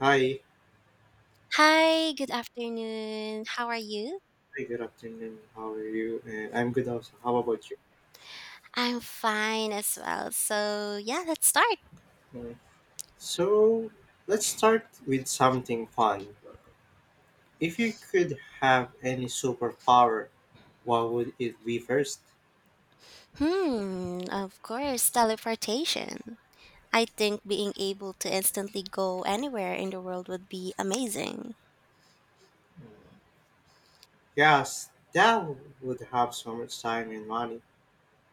Hi, Hi, good afternoon. How are you? hi, good afternoon. How are you? I'm good also. How about you? I'm fine as well. So, yeah, let's start. Uh, so, let's start with something fun. If you could have any superpower, what would it be first? Hmm, of course, teleportation. I think being able to instantly go anywhere in the world would be amazing. Mm, yes, that would have so much time and money.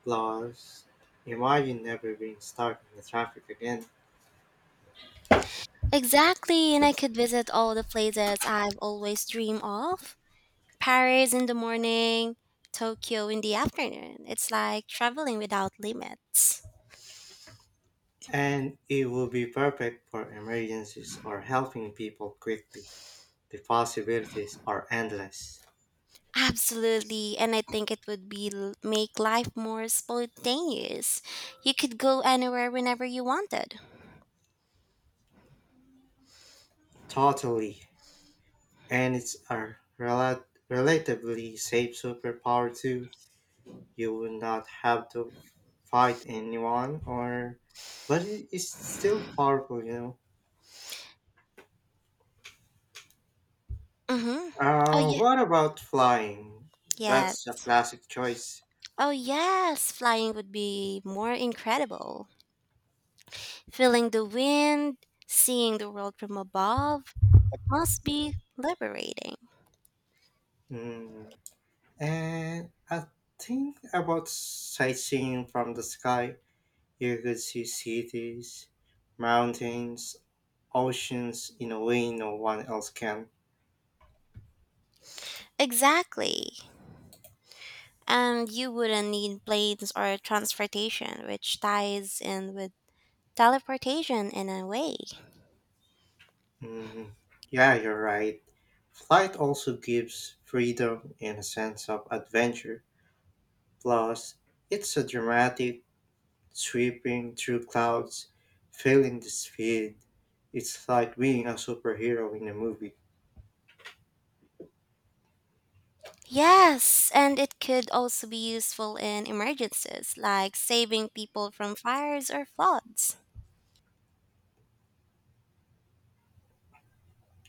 Plus, imagine never being stuck in the traffic again. Exactly, and I could visit all the places I've always dreamed of. Paris in the morning, Tokyo in the afternoon. It's like traveling without limits. And it would be perfect for emergencies or helping people quickly. The possibilities are endless. Absolutely, and I think it would be l- make life more spontaneous. You could go anywhere whenever you wanted. Totally. And it's a relatively safe superpower too. You will not have to fight anyone, or but it's still powerful, you know. Mm-hmm. Oh yeah. What about flying? Yes. That's a classic choice. Oh yes, flying would be more incredible. Feeling the wind, seeing the world from above, it must be liberating. Mm. And I think about sightseeing from the sky. You could see cities, mountains, oceans in a way no one else can. Exactly. And you wouldn't need planes or transportation, which ties in with teleportation in a way. Mm, yeah, you're right. Flight also gives freedom and a sense of adventure. Plus, it's a dramatic, sweeping through clouds, feeling the speed. It's like being a superhero in a movie. Yes, and it could also be useful in emergencies, like saving people from fires or floods.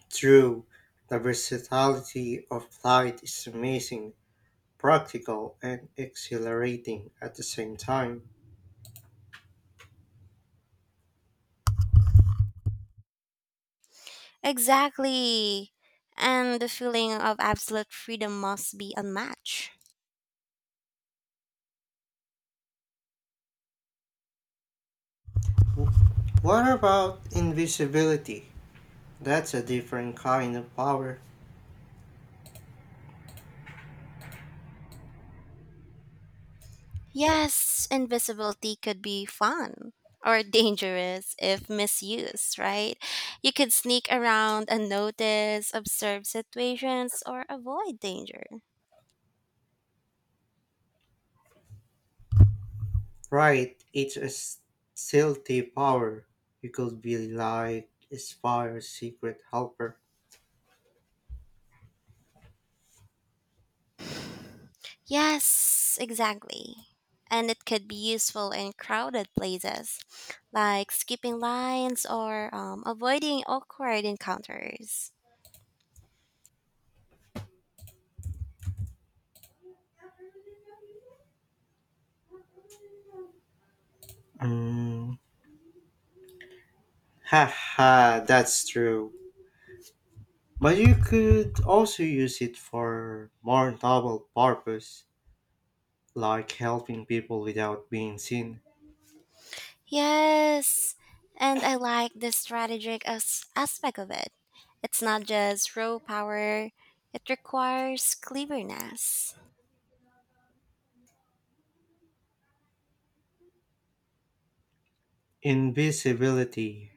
True, the versatility of flight is amazing, practical, and exhilarating at the same time. Exactly. And the feeling of absolute freedom must be unmatched. What about invisibility? That's a different kind of power. Yes, invisibility could be fun or dangerous if misused, right? You could sneak around unnoticed, observe situations, or avoid danger. Right, it's a stealthy power. You could be like a Spire's secret helper. Yes, exactly. And it could be useful in crowded places, like skipping lines or avoiding awkward encounters. Mm. Haha, that's true. But you could also use it for more noble purpose, like helping people without being seen. Yes, and I like the aspect of it. It's not just raw power, it requires cleverness. Invisibility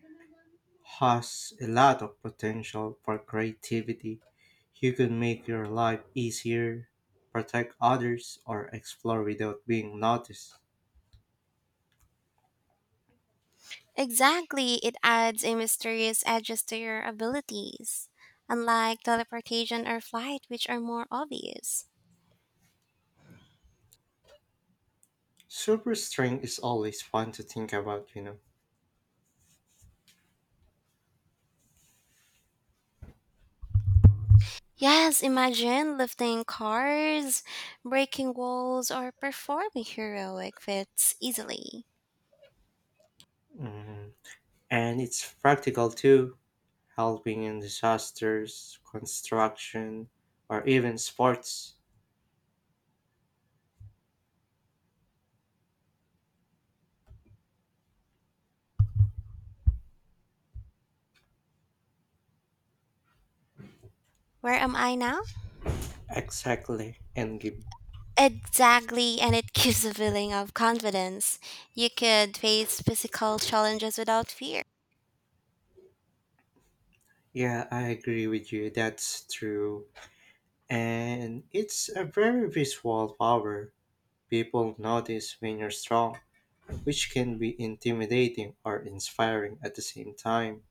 has a lot of potential for creativity. You could make your life easier, protect others, or explore without being noticed. Exactly, it adds a mysterious edges to your abilities, unlike teleportation or flight, which are more obvious. Super strength is always fun to think about, you know. Yes, imagine lifting cars, breaking walls, or performing heroic feats easily. Mm. And it's practical too, helping in disasters, construction, or even sports. Where am I now? Exactly, and Exactly, and it gives a feeling of confidence. You could face physical challenges without fear. yeah, I agree with you. That's true. And it's a very visual power. People notice when you're strong, which can be intimidating or inspiring at the same time.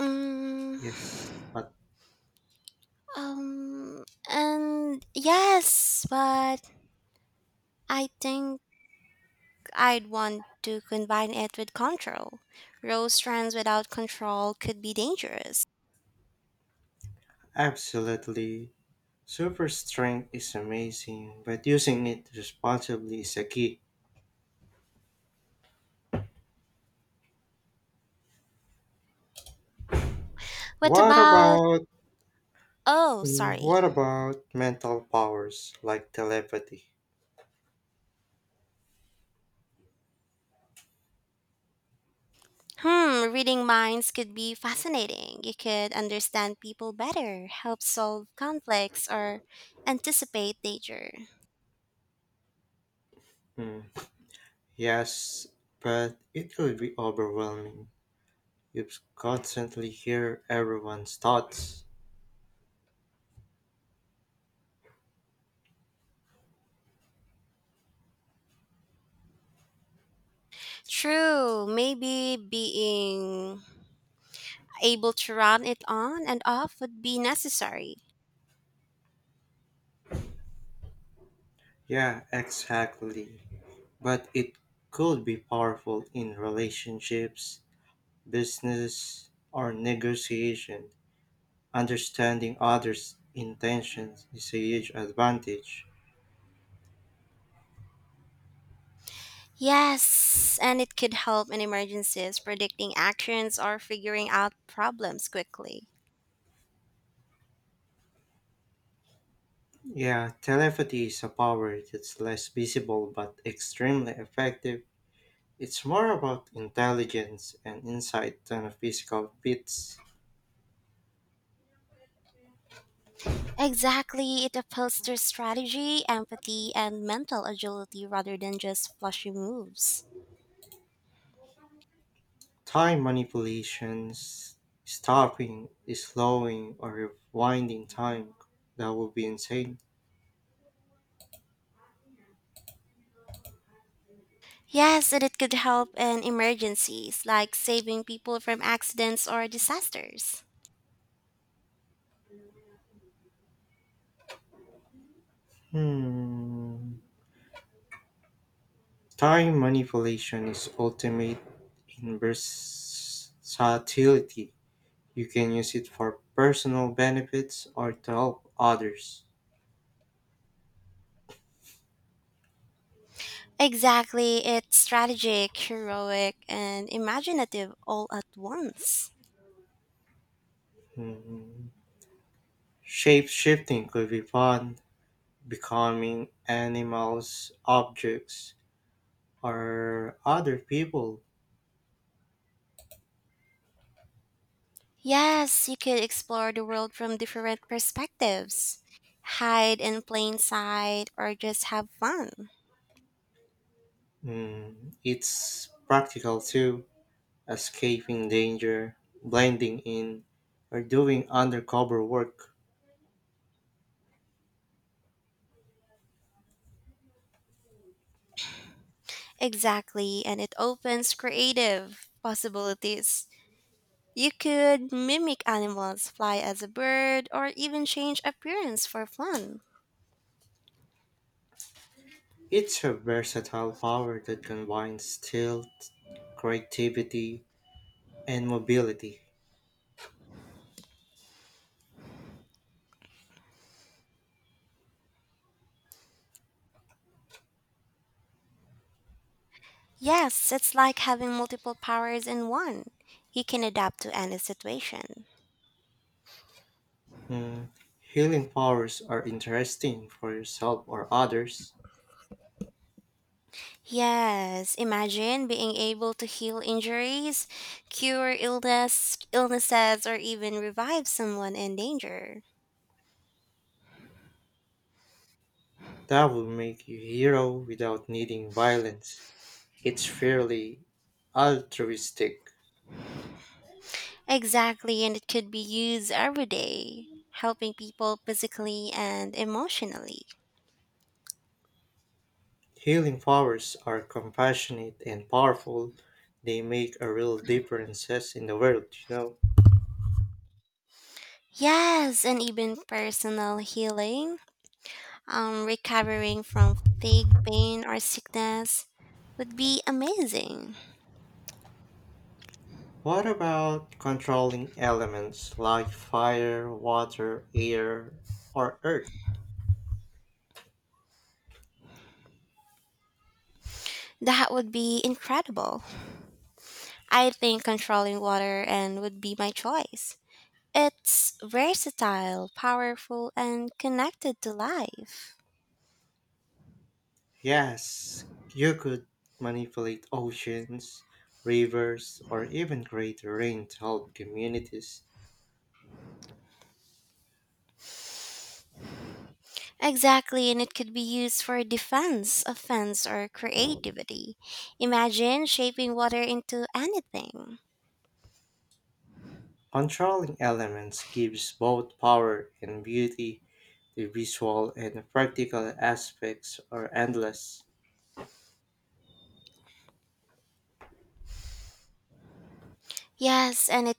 Mm, Yes, but um, and yes, but I think I'd want to combine it with control. Rose strands without control could be dangerous. absolutely. Super strength is amazing, but using it responsibly is a key. What What about? about Oh, sorry. what about mental powers like telepathy? Hmm, reading minds could be fascinating. You could understand people better, help solve conflicts, or anticipate danger. Mm, yes, but it will be overwhelming. You constantly hear everyone's thoughts. True, maybe being able to run it on and off would be necessary. Yeah, exactly. But it could be powerful in relationships, business, or negotiation. Understanding others' intentions is a huge advantage. Yes, and it could help in emergencies, predicting actions, or figuring out problems quickly. Yeah, telepathy is a power that's less visible but extremely effective. It's more about intelligence and insight than a physical feats. Exactly, it appeals to strategy, empathy, and mental agility rather than just flashy moves. Time manipulations, stopping, slowing, or rewinding time, that would be insane. Yes, and it could help in emergencies, like saving people from accidents or disasters. Hmm. Time manipulation is ultimate in versatility. You can use it for personal benefits or to help others. Exactly, it's strategic, heroic, and imaginative all at once. Mm, shape shifting could be fun, becoming animals, objects, or other people. Yes, you could explore the world from different perspectives, hide in plain sight, or just have fun. Mm, it's practical too, escaping danger, blending in, or doing undercover work. Exactly, and it opens creative possibilities. You could mimic animals, fly as a bird, or even change appearance for fun. It's a versatile power that combines stealth, creativity, and mobility. Yes, it's like having multiple powers in one. You can adapt to any situation. Mm, healing powers are interesting for yourself or others. Yes, imagine being able to heal injuries, illnesses, or even revive someone in danger. That will make you hero without needing violence. It's fairly altruistic. Exactly, and it could be used every day, helping people physically and emotionally. Healing powers are compassionate and powerful. They make a real differences in the world, you know. Yes, and even personal healing, recovering from fatigue, pain, or sickness would be amazing. What about controlling elements like fire, water, air, or earth? That would be incredible. I think controlling water and would be my choice. It's versatile, powerful, and connected to life. Yes, you could manipulate oceans, rivers, or even create rain to help communities. Exactly, and it could be used for defense, offense, or creativity. Imagine shaping water into anything. Controlling elements gives both power and beauty. The visual and practical aspects are endless. Yes, and it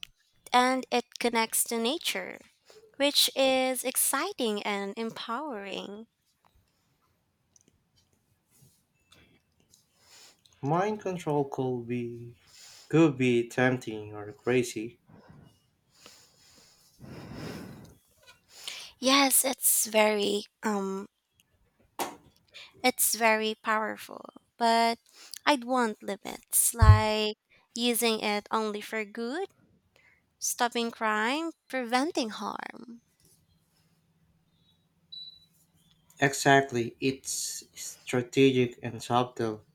and it connects to nature, which is exciting and empowering. Mind control could be tempting or crazy. Yes, It's very powerful, but I'd want limits, like using it only for good, stopping crime, preventing harm. Exactly, it's strategic and subtle,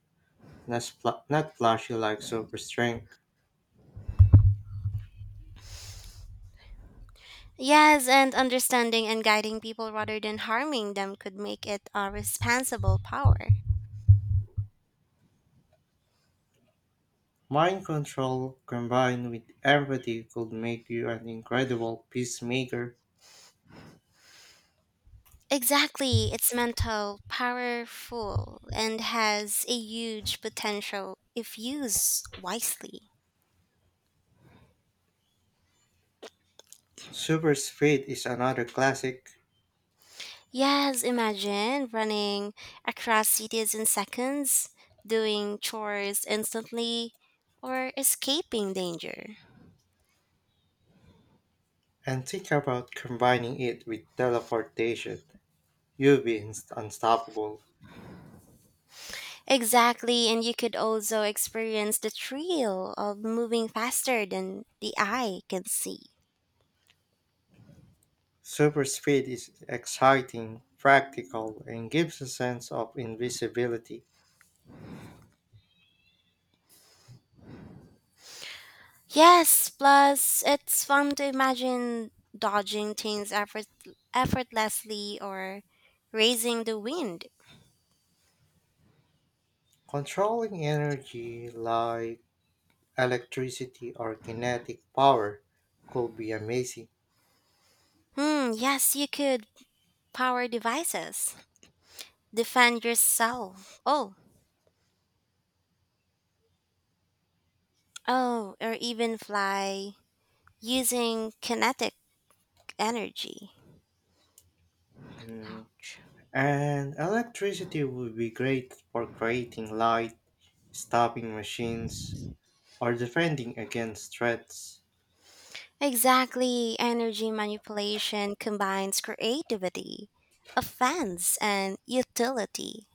not not flashy like super strength. Yes, and understanding and guiding people rather than harming them could make it a responsible power. Mind control combined with empathy could make you an incredible peacemaker. Exactly, it's mental, powerful, and has a huge potential if used wisely. Super speed is another classic, Yes, imagine running across cities in seconds, doing chores instantly, or escaping danger. and think about combining it with teleportation. You'll be unstoppable. Exactly, and you could also experience the thrill of moving faster than the eye can see. Super speed is exciting, practical, and gives a sense of invisibility. Yes, plus it's fun to imagine dodging effortlessly or raising the wind. Controlling energy like electricity or kinetic power could be amazing. Hmm, yes, you could power devices, defend yourself. Oh, Oh, or even fly using kinetic energy. Hmm, Ouch. and electricity would be great for creating light, stopping machines, or defending against threats. Exactly, energy manipulation combines creativity, offense, and utility.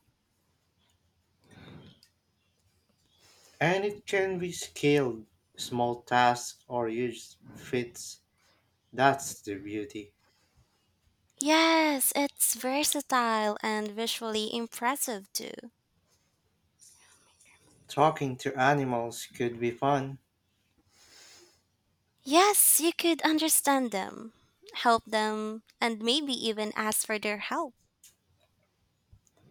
And it can be scaled, small tasks or huge feats. That's the beauty. Yes, it's versatile and visually impressive too. Talking to animals could be fun. Yes, you could understand them, help them, and maybe even ask for their help.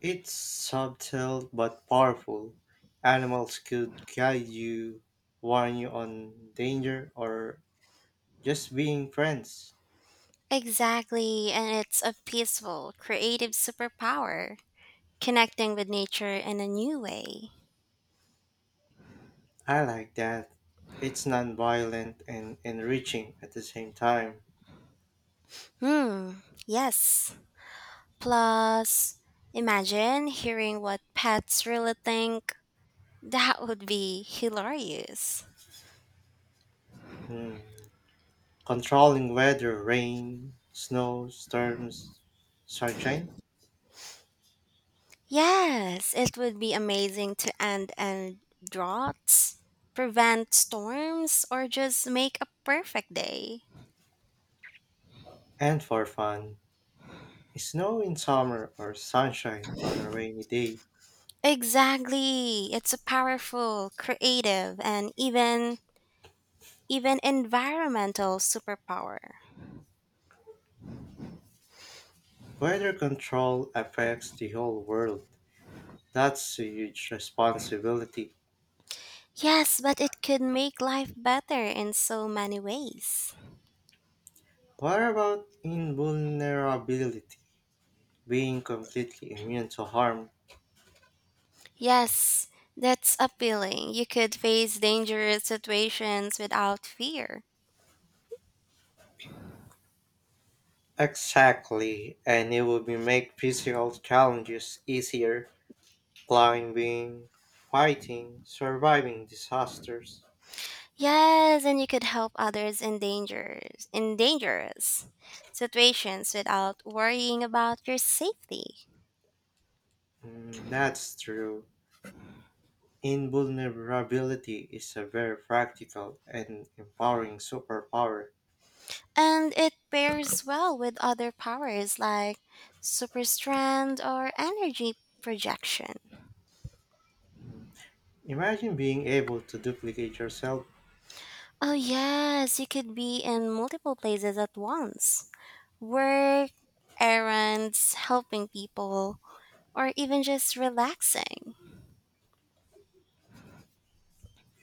It's subtle but powerful. Animals could guide you, warn you on danger, or just being friends. Exactly, and it's a peaceful, creative superpower, connecting with nature in a new way. I like that. It's non-violent and enriching at the same time. Hmm, yes. Plus, imagine hearing what pets really think. That would be hilarious. Hmm. Controlling weather, rain, snow, storms, sunshine, Yes, it would be amazing to end and droughts, prevent storms, or just make a perfect day. and for fun. Snow in summer or sunshine on a rainy day. Exactly. It's a powerful, creative, and even environmental superpower. Weather control affects the whole world. That's a huge responsibility. Yes, but it could make life better in so many ways. What about invulnerability? Being completely immune to harm. Yes, that's appealing. You could face dangerous situations without fear. Exactly, and it would be make physical challenges easier. Climbing, fighting, surviving disasters. Yes, and you could help others in dangerous situations without worrying about your safety. Mm, that's true. Invulnerability is a very practical and empowering superpower. And it pairs well with other powers like super strength or energy projection. Imagine being able to duplicate yourself, Oh yes, you could be in multiple places at once. Work, errands, helping people, or even just relaxing.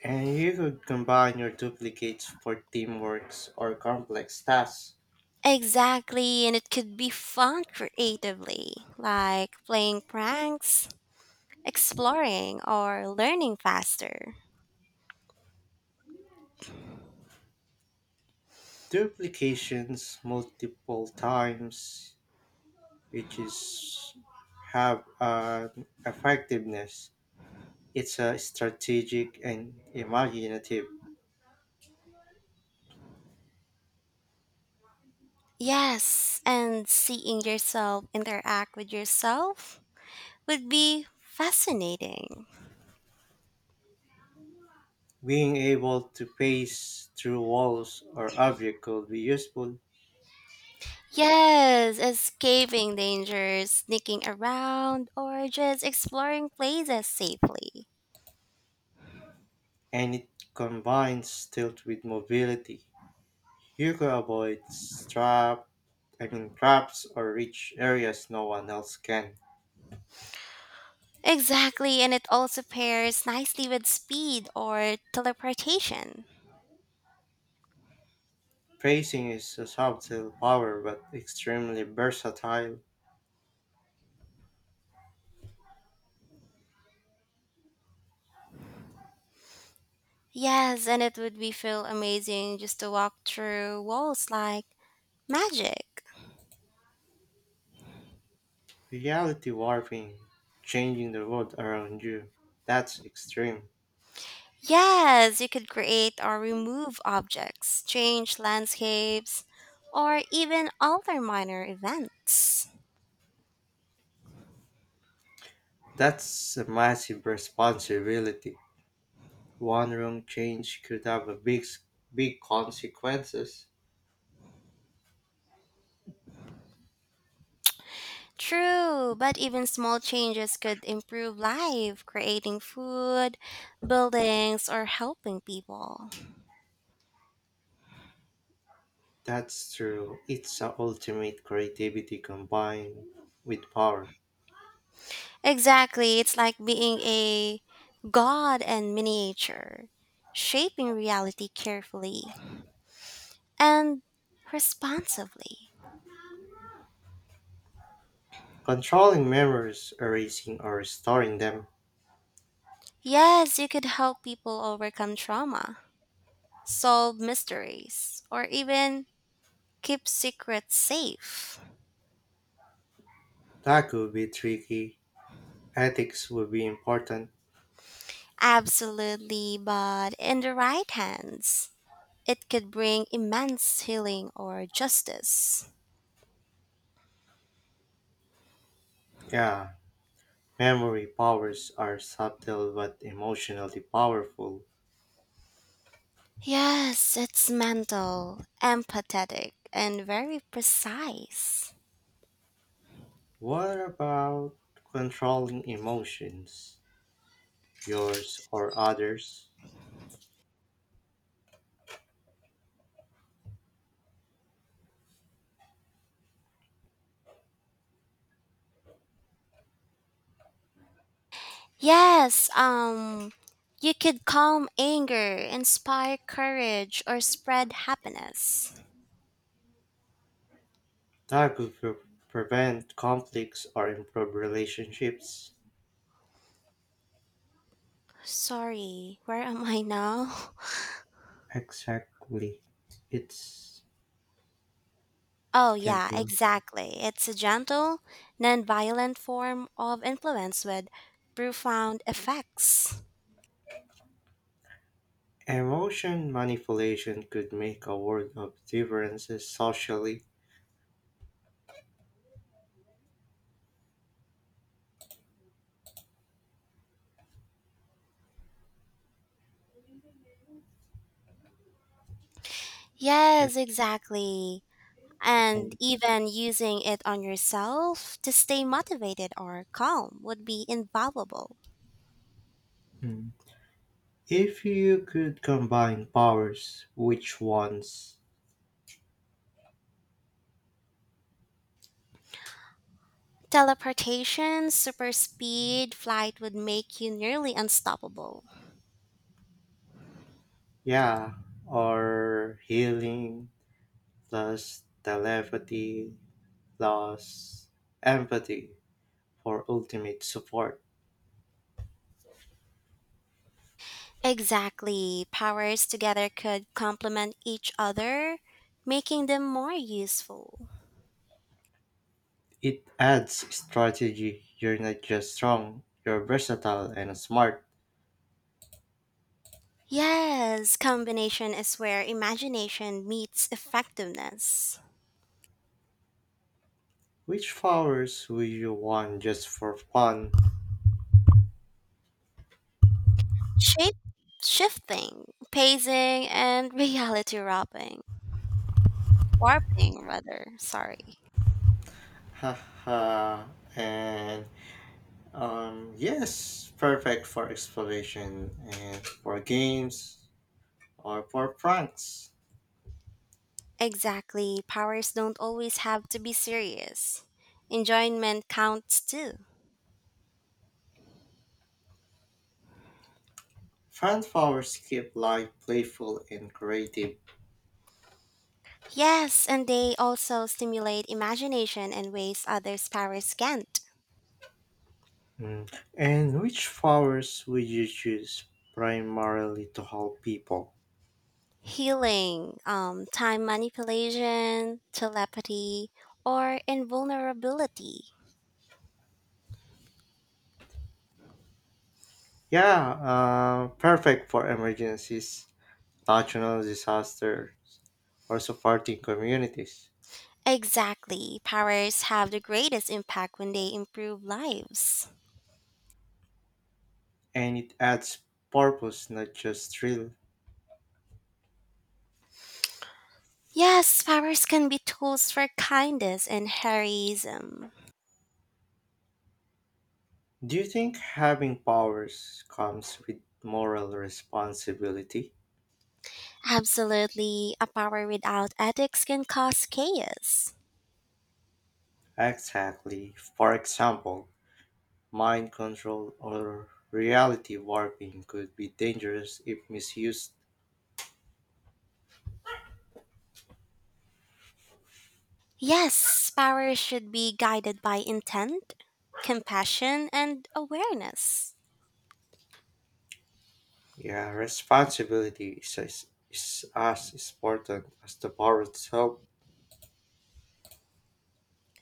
and you could combine your duplicates for teamworks or complex tasks. Exactly, and it could be fun creatively, like playing pranks, exploring, or learning faster. Duplications multiple times which is have an effectiveness. It's a strategic and imaginative. Yes, and seeing yourself interact with yourself would be fascinating. Being able to pace through walls or objects could be useful, Yes, escaping danger, sneaking around, or just exploring places safely. and it combines stealth with mobility. You could avoid trap, I mean traps or reach areas no one else can. Exactly, and it also pairs nicely with speed or teleportation. Pacing is a subtle power but extremely versatile. Yes, and it would be feel amazing just to walk through walls like magic. Reality warping, changing the world around you. That's extreme. Yes, you could create or remove objects, change landscapes, or even alter minor events. That's a massive responsibility. One wrong change could have a big consequences. True, but even small changes could improve life, creating food, buildings, or helping people. That's true. It's a ultimate creativity combined with power. Exactly, it's like being a god in miniature, shaping reality carefully and responsibly. Controlling memories, erasing or restoring them. Yes, you could help people overcome trauma, solve mysteries, or even keep secrets safe. That could be tricky. Ethics would be important. Absolutely, but in the right hands, it could bring immense healing or justice. Yeah, memory powers are subtle but emotionally powerful. Yes, it's mental, empathetic, and very precise. What about controlling emotions, yours or others? Yes, you could calm anger, inspire courage, or spread happiness. That could prevent conflicts or improve relationships. Sorry, where am I now? Exactly. It's Oh, yeah, gentle. exactly. It's a gentle, non-violent form of influence with profound effects. Emotion manipulation could make a world of differences socially. Yes, exactly. And And even using it on yourself to stay motivated or calm would be invaluable. mm, if you could combine powers, which ones? Teleportation, super speed, flight would make you nearly unstoppable. Yeah, or healing plus telepathy plus empathy for ultimate support. Exactly. Powers together could complement each other, making them more useful. It adds strategy. You're not just strong, you're versatile and smart. Yes, combination is where imagination meets effectiveness. Which powers would you want just for fun? Shape shifting, pacing, and reality warping. Warping, rather, sorry. Haha, and yes, perfect for exploration and for games or for pranks. Exactly. Powers don't always have to be serious. Enjoyment counts too. Fun powers keep life playful and creative. Yes, and they also stimulate imagination in ways others' powers can't. Mm. And which flowers would you choose primarily to help people? Healing, time manipulation, telepathy, or invulnerability. Yeah, perfect for emergencies, natural disasters, or supporting communities. Exactly. Powers have the greatest impact when they improve lives. And it adds purpose, not just thrill. Yes, powers can be tools for kindness and heroism. Do you think having powers comes with moral responsibility? Absolutely, a power without ethics can cause chaos. Exactly. For example, mind control or reality warping could be dangerous if misused. Yes, powers should be guided by intent, compassion, and awareness. Yeah, responsibility is as important as the power itself.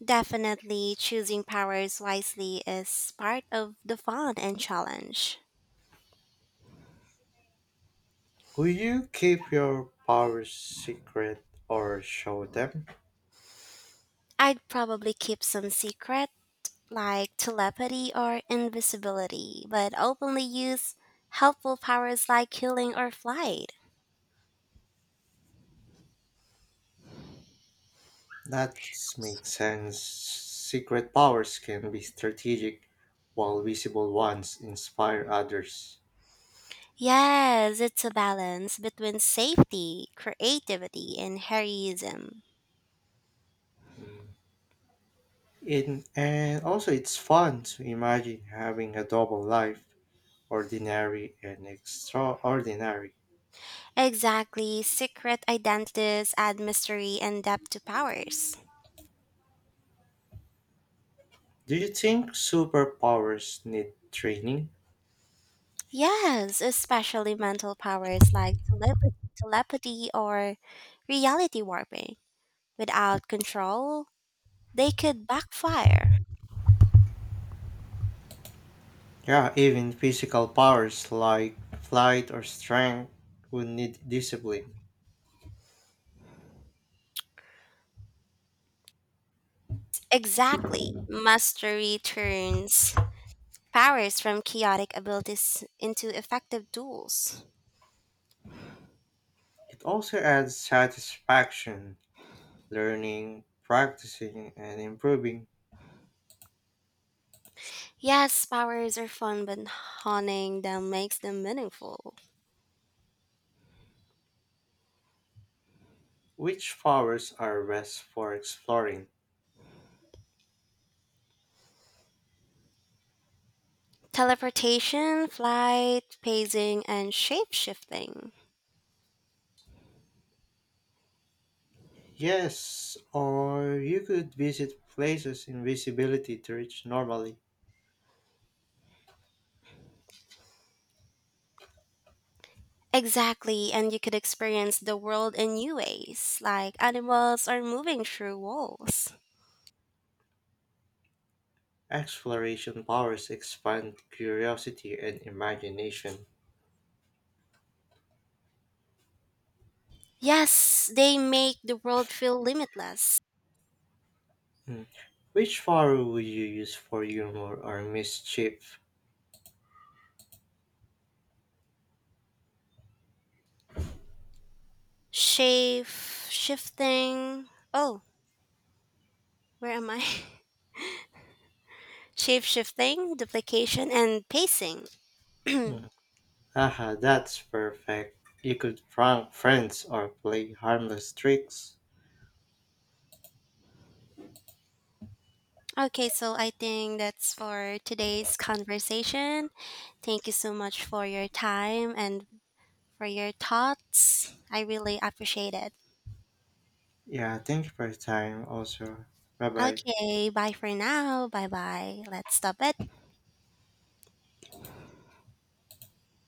Definitely choosing powers wisely is part of the fun and challenge. Will you keep your powers secret or show them? I'd probably keep some secret, like telepathy or invisibility, but openly use helpful powers like healing or flight. That makes sense. Secret powers can be strategic, while visible ones inspire others. Yes, it's a balance between safety, creativity, and heroism. In, and also, it's fun to imagine having a double life, ordinary and extraordinary. Exactly, secret identities add mystery and depth to powers. Do you think superpowers need training? Yes, especially mental powers like telepathy or reality warping. Without control, they could backfire. Yeah, even physical powers like flight or strength would need discipline. Exactly. Mastery turns powers from chaotic abilities into effective tools. It also adds satisfaction, learning, practicing, and improving. Yes, powers are fun, but honing them makes them meaningful. Which powers are best for exploring? Teleportation, flight, pacing, and shape shifting. Yes, or you could visit places invisibility to reach normally. Exactly, and you could experience the world in new ways, like animals are moving through walls. Exploration powers expand curiosity and imagination. Yes, they make the world feel limitless. Mm. Which power would you use for humor or mischief? Shape shifting. Oh, where am I? Shape shifting, duplication, and pacing. Hmm. Haha, that's perfect. You could prank friends or play harmless tricks. Okay, so I think that's for today's conversation. Thank you so much for your time and for your thoughts. I really appreciate it. Yeah, thank you for your time also. Bye bye. Okay, bye for now. Bye bye. Let's stop it.